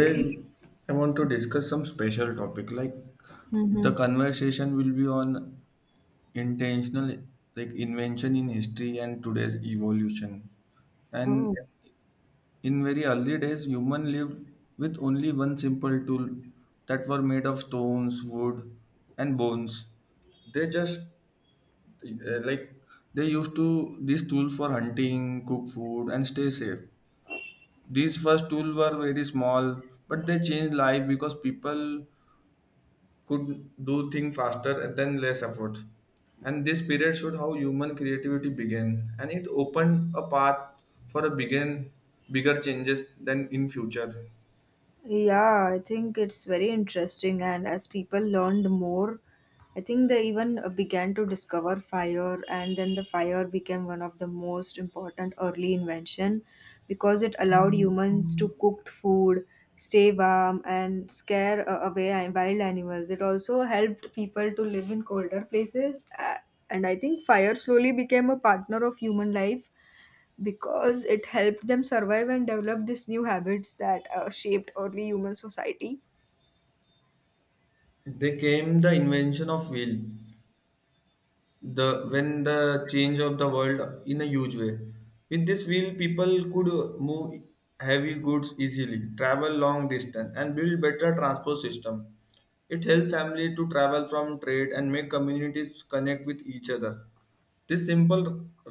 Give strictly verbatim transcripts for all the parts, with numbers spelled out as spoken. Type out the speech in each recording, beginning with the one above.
Okay. I want to discuss some special topic. Like the Mhm. conversation will be on intentional, like invention in history and today's evolution. Oh, And in very early days, human lived with only one simple tool that were made of stones, wood, and bones. They just uh, like they used to these tools for hunting, cook food, and stay safe. These first tools were very small, but they changed life because people could do things faster and then less effort. And this period showed how human creativity began, and it opened a path for a begin, bigger changes than in future. yeah, I think it's very interesting. And as people learned more, I think they even uh, began to discover fire, and then the fire became one of the most important early invention because it allowed humans to cook food, stay warm, and scare uh, away an- wild animals. It also helped people to live in colder places, uh, and I think fire slowly became a partner of human life because it helped them survive and develop these new habits that uh, shaped early human society They came the invention of wheel, the when the change of the world in a huge way. With this wheel, people could move heavy goods easily, travel long distance, and build better transport system. It helps family to travel from trade and make communities connect with each other. This simple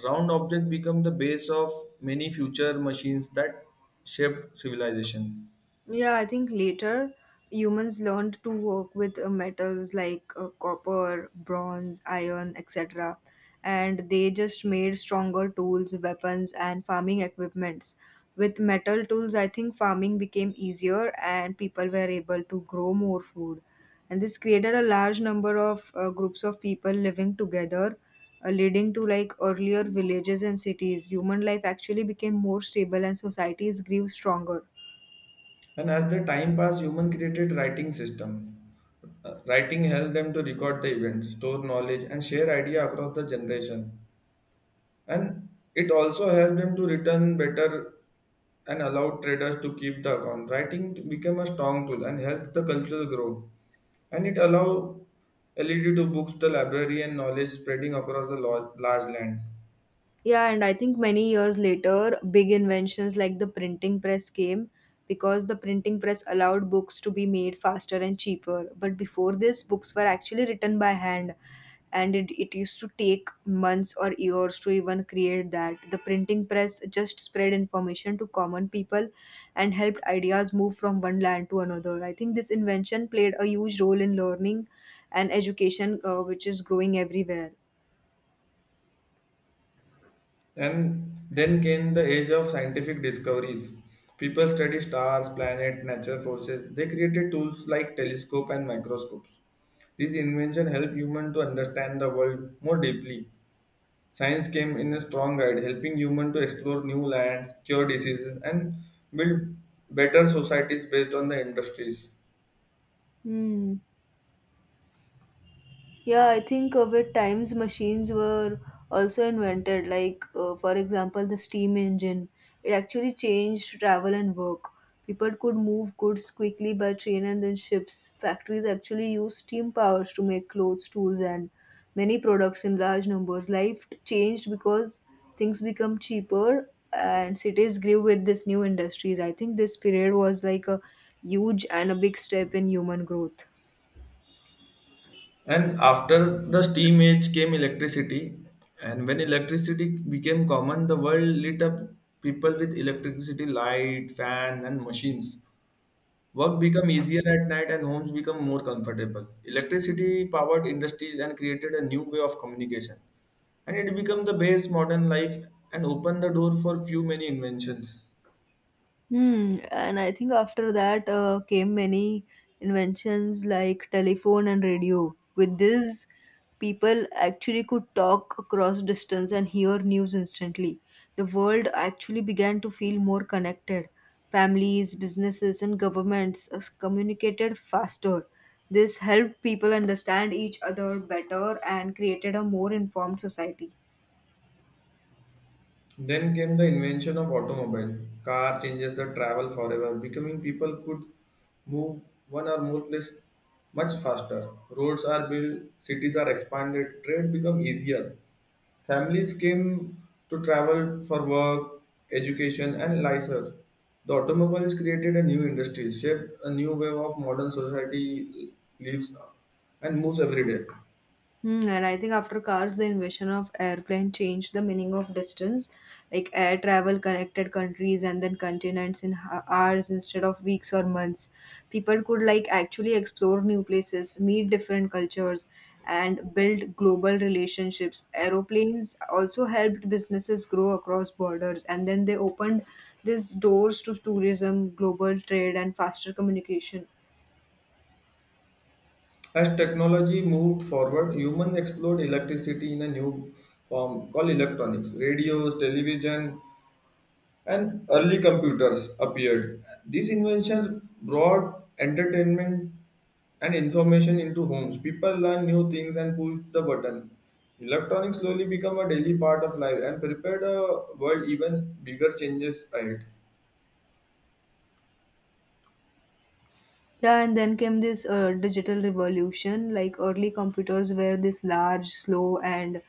round object become the base of many future machines that shaped civilization. Yeah, I think later humans learned to work with uh, metals like uh, copper, bronze, iron, et cetera. And they just made stronger tools, weapons, and farming equipments. With metal tools, I think farming became easier and people were able to grow more food. And this created a large number of uh, groups of people living together, uh, leading to like earlier villages and cities. Human life actually became more stable and societies grew stronger. And as the time passed, human created writing system. Uh, writing helped them to record the event, store knowledge, and share idea across the generation. And it also helped them to return better and allowed traders to keep the account. Writing t- became a strong tool and helped the culture grow. And it allowed led to books, the library, and knowledge spreading across the lo- large land. Yeah, and I think many years later, big inventions like the printing press came because the printing press allowed books to be made faster and cheaper. But before this, books were actually written by hand, and it, it used to take months or years to even create that. The printing press just spread information to common people and helped ideas move from one land to another. I think this invention played a huge role in learning and education, uh, which is growing everywhere. And then came the age of scientific discoveries. People studied stars, planets, natural forces. They created tools like telescope and microscopes. These inventions help humans to understand the world more deeply. Science came in a strong guide, helping humans to explore new lands, cure diseases, and build better societies based on the industries. Hmm. Yeah, I think uh, with times machines were also invented. Like, uh, for example, the steam engine. It actually changed travel and work. People could move goods quickly by train and then ships. Factories actually used steam powers to make clothes, tools, and many products in large numbers. Life changed because things become cheaper and cities grew with these new industries. I think this period was like a huge and a big step in human growth. And after the steam age came electricity, and when electricity became common, the world lit up people with electricity, light, fan, and machines. Work became easier at night and homes become more comfortable. Electricity powered industries and created a new way of communication. And it became the base modern life and opened the door for few many inventions. Hmm, and I think after that uh, came many inventions like telephone and radio. With this, people actually could talk across distance and hear news instantly. The world actually began to feel more connected. Families, businesses, and governments uh, communicated faster. This helped people understand each other better and created a more informed society. Then came the invention of automobile. Car changes the travel forever, becoming people could move one or more place much faster. Roads are built, cities are expanded, trade become easier. Families came to travel for work, education, and leisure. The automobiles created a new industry, shaped a new wave of modern society lives and moves every day. Hmm, and I think after cars, the invention of airplane changed the meaning of distance. Like air travel connected countries and then continents in ho- hours instead of weeks or months. People could like actually explore new places, meet different cultures, and build global relationships. Aeroplanes also helped businesses grow across borders, and then they opened these doors to tourism, global trade, and faster communication. As technology moved forward, humans explored electricity in a new form called electronics. Radios, television, and early computers appeared. These inventions brought entertainment and information into homes. People learned new things and pushed the button. Electronics slowly became a daily part of life and prepared a world even bigger changes ahead. Yeah, and then came this uh, digital revolution, like early computers were this large, slow, and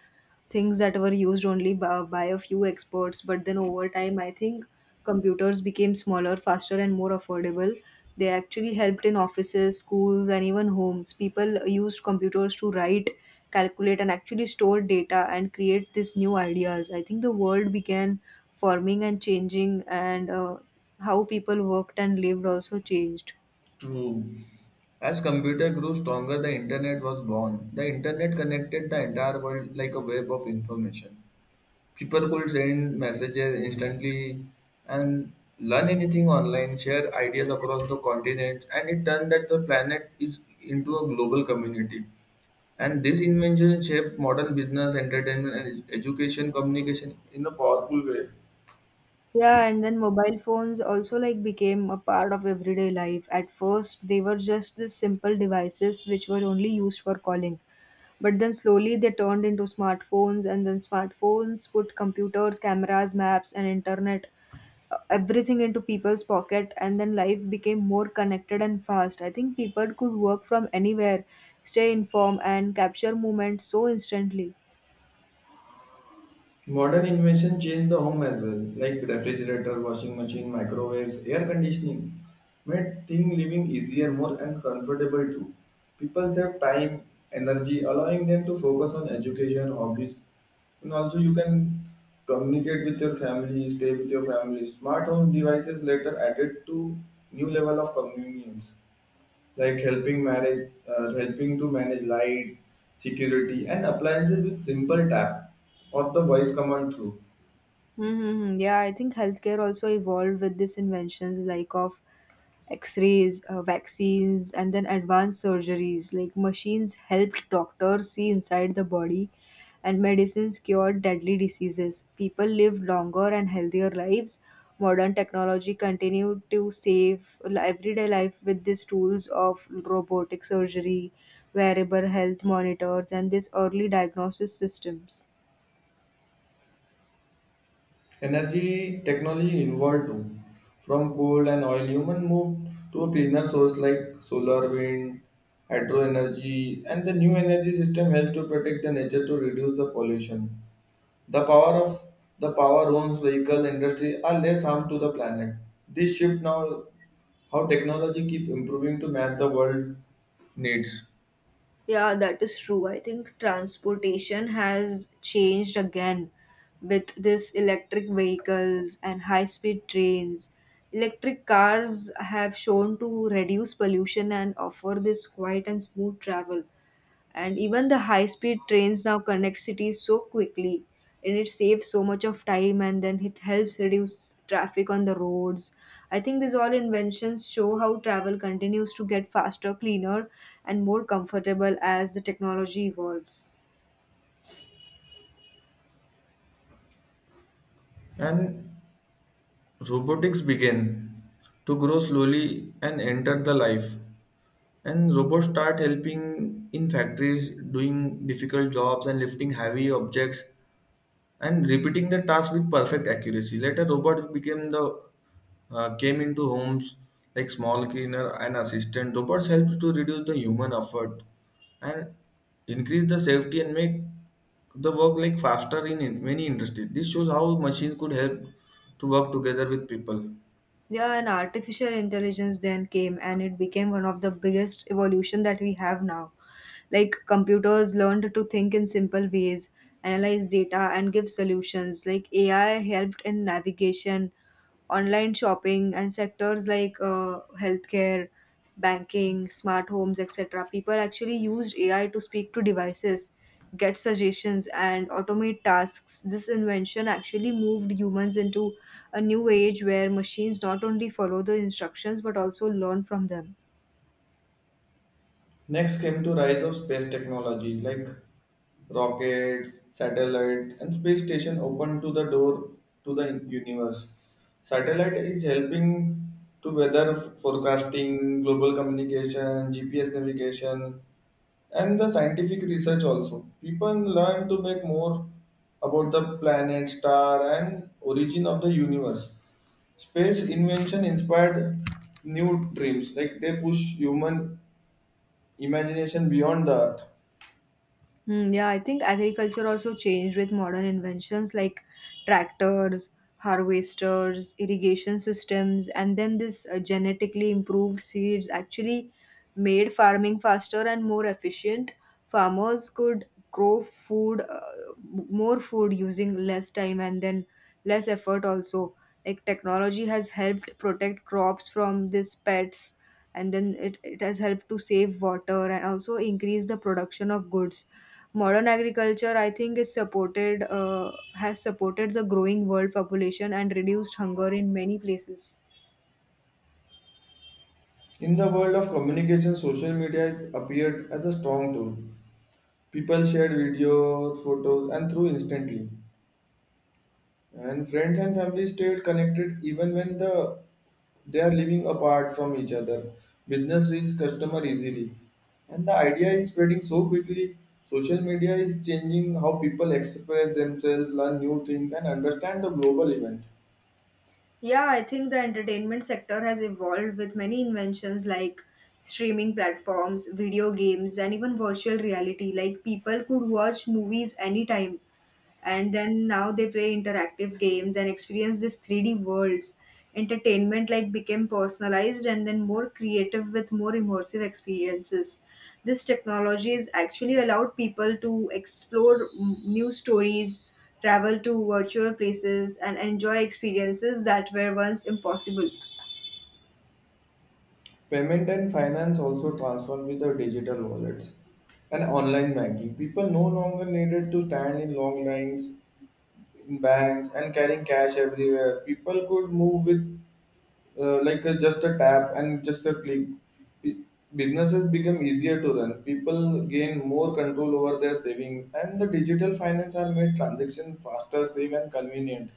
things that were used only by, by a few experts. But then over time, I think computers became smaller, faster, and more affordable. They actually helped in offices, schools, and even homes. People used computers to write, calculate, and actually store data and create these new ideas. I think the world began forming and changing, and uh, how people worked and lived also changed. True. As computer grew stronger, the internet was born. The internet connected the entire world like a web of information. People could send messages instantly and learn anything online, share ideas across the continent, and it turned that the planet is into a global community. And this invention shaped modern business, entertainment, and education communication in a powerful way. Yeah, and then mobile phones also like became a part of everyday life. At first, they were just the simple devices which were only used for calling. But then slowly they turned into smartphones, and then smartphones put computers, cameras, maps, and internet, uh, everything into people's pocket. And then life became more connected and fast. I think people could work from anywhere, stay informed, and capture moments so instantly. Modern invention changed the home as well, like refrigerator, washing machine, microwaves, air conditioning, made thing living easier, more and comfortable too. People save time, energy, allowing them to focus on education, hobbies, and also you can communicate with your family, stay with your family. Smart home devices later added to new level of convenience like helping manage uh, helping to manage lights, security, and appliances with simple tap or the voice command through Mm-hmm. Yeah, I think healthcare also evolved with these inventions like of x-rays, uh, vaccines, and then advanced surgeries. Like machines helped doctors see inside the body, and medicines cured deadly diseases. People lived longer and healthier lives. Modern technology continued to save li- everyday life with these tools of robotic surgery, wearable health monitors, and these early diagnosis systems. energy technology involved too. From coal and oil, human moved to a cleaner source like solar, wind, hydro energy, and the new energy system helped to protect the nature, to reduce the pollution. The power of the power owns vehicle industry are less harm to the planet. This shift now how technology keep improving to match the world needs. Yeah, that is true. I think transportation has changed again with this electric vehicles and high-speed trains. Electric cars have shown to reduce pollution and offer this quiet and smooth travel, and even the high speed trains now connect cities so quickly, and it saves so much of time, and then it helps reduce traffic on the roads. I think these all inventions show how travel continues to get faster, cleaner, and more comfortable as the technology evolves. And robotics begin to grow slowly and enter the life, and robots start helping in factories, doing difficult jobs and lifting heavy objects and repeating the task with perfect accuracy. Later, robots became the uh, came into homes like small cleaner and assistant. Robots helped to reduce the human effort and increase the safety and make the work like faster in, in many industries. This shows how machines could help to work together with people. Yeah, and artificial intelligence then came and it became one of the biggest evolution that we have now, like computers learned to think in simple ways, analyze data and give solutions. Like AI helped in navigation, online shopping, and sectors like uh, healthcare, banking, smart homes, et cetera. People actually used A I to speak to devices, get suggestions, and automate tasks. This invention actually moved humans into a new age where machines not only follow the instructions but also learn from them. Next came to rise of space technology like rockets, satellites, and space station open to the door to the universe. Satellite is helping to weather forecasting, global communication, G P S navigation, and the scientific research also. People learn to make more about the planet, star, and origin of the universe. Space invention inspired new dreams, like they push human imagination beyond the Earth. Hmm. Yeah, I think agriculture also changed with modern inventions like tractors, harvesters, irrigation systems, and then this uh, genetically improved seeds actually made farming faster and more efficient. Farmers could grow food, uh, m- more food using less time and then less effort also. Like technology has helped protect crops from these pests, and then it, it has helped to save water and also increase the production of goods Modern agriculture, I think, is supported uh, has supported the growing world population and reduced hunger in many places. In the world of communication, social media appeared as a strong tool. People shared videos, photos, and through instantly. And friends and family stayed connected even when the they are living apart from each other. Business reaches customer easily. And the idea is spreading so quickly. Social media is changing how people express themselves, learn new things, and understand the global event. Yeah, I think the entertainment sector has evolved with many inventions like streaming platforms, video games, and even virtual reality. Like people could watch movies anytime and then now they play interactive games and experience this three D worlds. Entertainment like became personalized and then more creative with more immersive experiences. This technology has actually allowed people to explore mm, new stories, travel to virtual places, and enjoy experiences that were once impossible. Payment and finance also transformed with the digital wallets and online banking. People no longer needed to stand in long lines in banks and carrying cash everywhere. People could move with uh, like a, just a tap and just a click. B- Businesses become easier to run. People gain more control over their savings, and the digital finance are made transactions faster, safe, and convenient.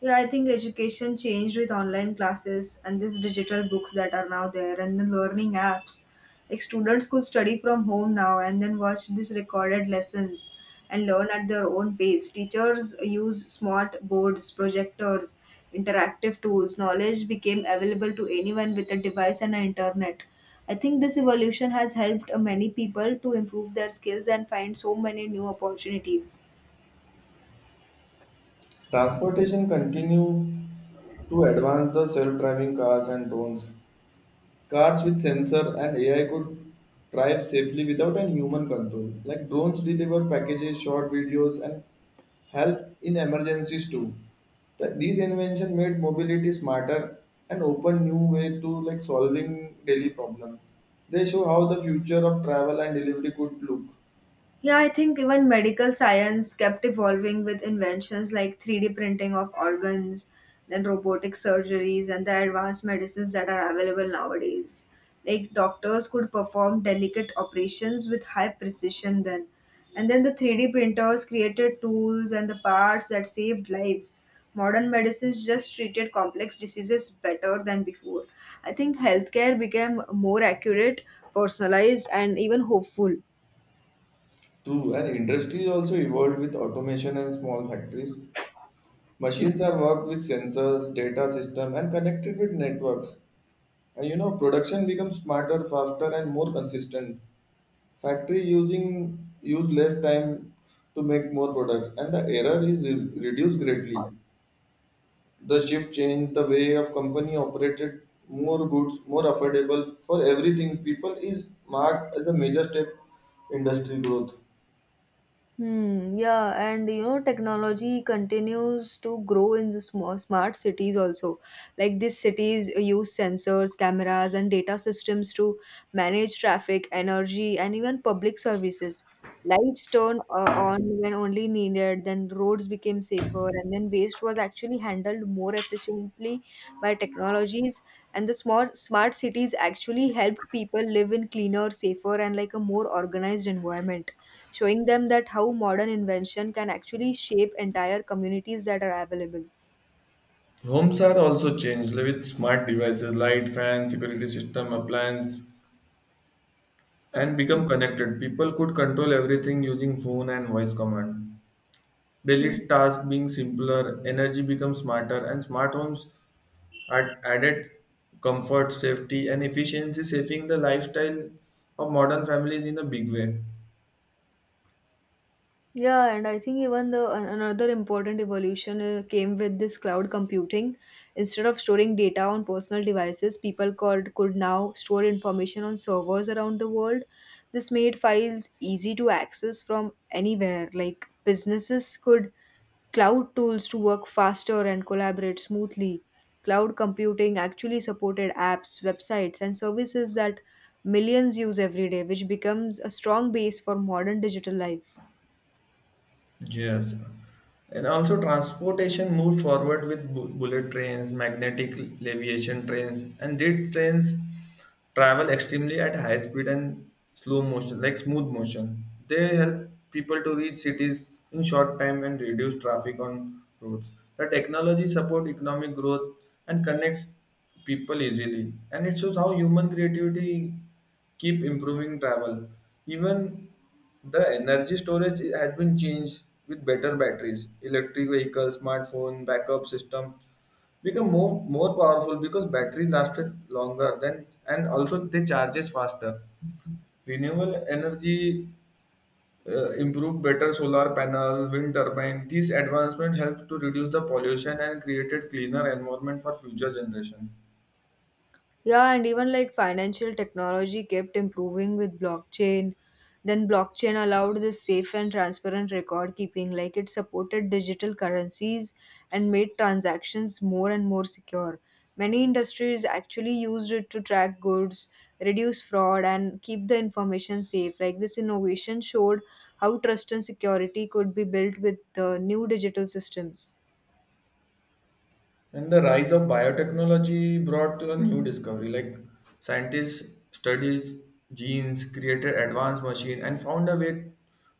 Yeah, I think education changed with online classes and these digital books that are now there and the learning apps. Like students could study from home now and then watch these recorded lessons and learn at their own pace. Teachers use smart boards, projectors, interactive tools. Knowledge became available to anyone with a device and an internet. I think this evolution has helped uh, many people to improve their skills and find so many new opportunities. Transportation continue to advance the self-driving cars and drones. Cars with sensor and A I could drive safely without any human control. Like drones deliver packages, short videos, and help in emergencies too. Th- These inventions made mobility smarter and open new way to like solving daily problem. They show how the future of travel and delivery could look. Yeah, I think even medical science kept evolving with inventions like three D printing of organs, then robotic surgeries, and the advanced medicines that are available nowadays. Like doctors could perform delicate operations with high precision then. And then the three D printers created tools and the parts that saved lives. Modern medicines just treated complex diseases better than before. I think healthcare became more accurate, personalized, and even hopeful True, and industry also evolved with automation and small factories. Machines are worked with sensors, data system, and connected with networks. And you know, production becomes smarter, faster, and more consistent. Factory using use less time to make more products, and the error is re- reduced greatly. The shift changed the way of company operated. More goods, more affordable for everything. People is marked as a major step industry growth. Hmm, yeah, and you know, technology continues to grow in the small, smart cities also. Like these cities use sensors, cameras, and data systems to manage traffic, energy, and even public services. Lights turn uh, on when only needed, then roads became safer, and then waste was actually handled more efficiently by technologies. And the smart smart cities actually help people live in cleaner, safer, and like a more organized environment, showing them that how modern invention can actually shape entire communities that are available. Homes are also changed with smart devices, light, fan, security system, appliance, and become connected. People could control everything using phone and voice command. Hmm. Daily tasks being simpler, energy becomes smarter, and smart homes add added comfort, safety, and efficiency, saving the lifestyle of modern families in a big way. Yeah, and I think even the an- another important evolution uh, came with this cloud computing. Instead of storing data on personal devices, people could could now store information on servers around the world. This made files easy to access from anywhere. Like businesses could cloud tools to work faster and collaborate smoothly. Cloud computing actually supported apps, websites, and services that millions use every day, which becomes a strong base for modern digital life. Yes. And also transportation moved forward with bu- bullet trains, magnetic leviation trains, and these trains travel extremely at high speed and slow motion, like smooth motion. They help people to reach cities in short time and reduce traffic on roads. The technology support economic growth and connects people easily. And it shows how human creativity keep improving travel. Even the energy storage has been changed with better batteries, electric vehicles, smartphone, backup system become more more powerful because battery lasted longer than and also they charges faster. Renewable energy uh, improved better solar panel, wind turbine. These advancements helped to reduce the pollution and created cleaner environment for future generation. Yeah, and even like financial technology kept improving with blockchain. Then blockchain allowed this safe and transparent record keeping, like it supported digital currencies and made transactions more and more secure. Many industries actually used it to track goods, reduce fraud, and keep the information safe. Like this innovation showed how trust and security could be built with the new digital systems. And the rise of biotechnology brought a new discovery. Like scientists studies genes, created advanced machine, and found a way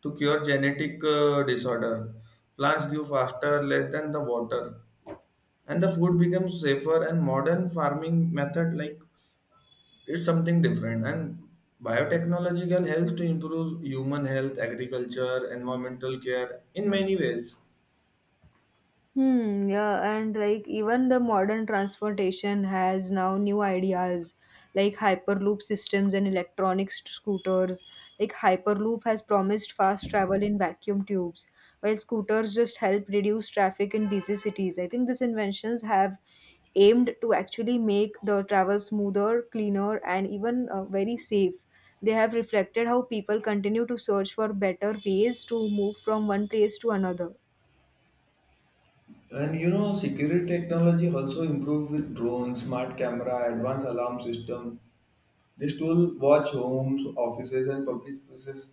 to cure genetic uh, disorder. Plants grew faster, less than the water, and the food becomes safer. And modern farming method like it's something different. And biotechnological helps to improve human health, agriculture, environmental care in many ways. Hmm, yeah, and like even the modern transportation has now new ideas like hyperloop systems and electronic st- scooters. Like hyperloop has promised fast travel in vacuum tubes, while scooters just help reduce traffic in busy cities. I think these inventions have aimed to actually make the travel smoother, cleaner, and even uh, very safe. They have reflected how people continue to search for better ways to move from one place to another. And you know, security technology also improved with drones, smart camera, advanced alarm system. These tools watch homes, offices, and public places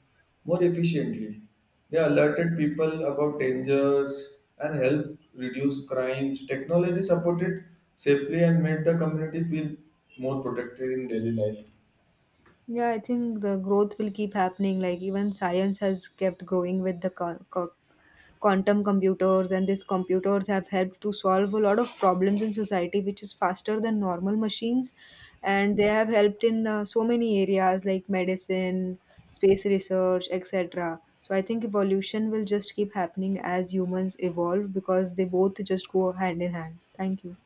more efficiently. They alerted people about dangers and help reduce crimes. Technology supported safely and made the community feel more protected in daily life. Yeah, I think the growth will keep happening. Like even science has kept growing with the con- co- quantum computers, and these computers have helped to solve a lot of problems in society, which is faster than normal machines, and they have helped in uh, so many areas like medicine, space research, et cetera. So I think evolution will just keep happening as humans evolve because they both just go hand in hand. Thank you.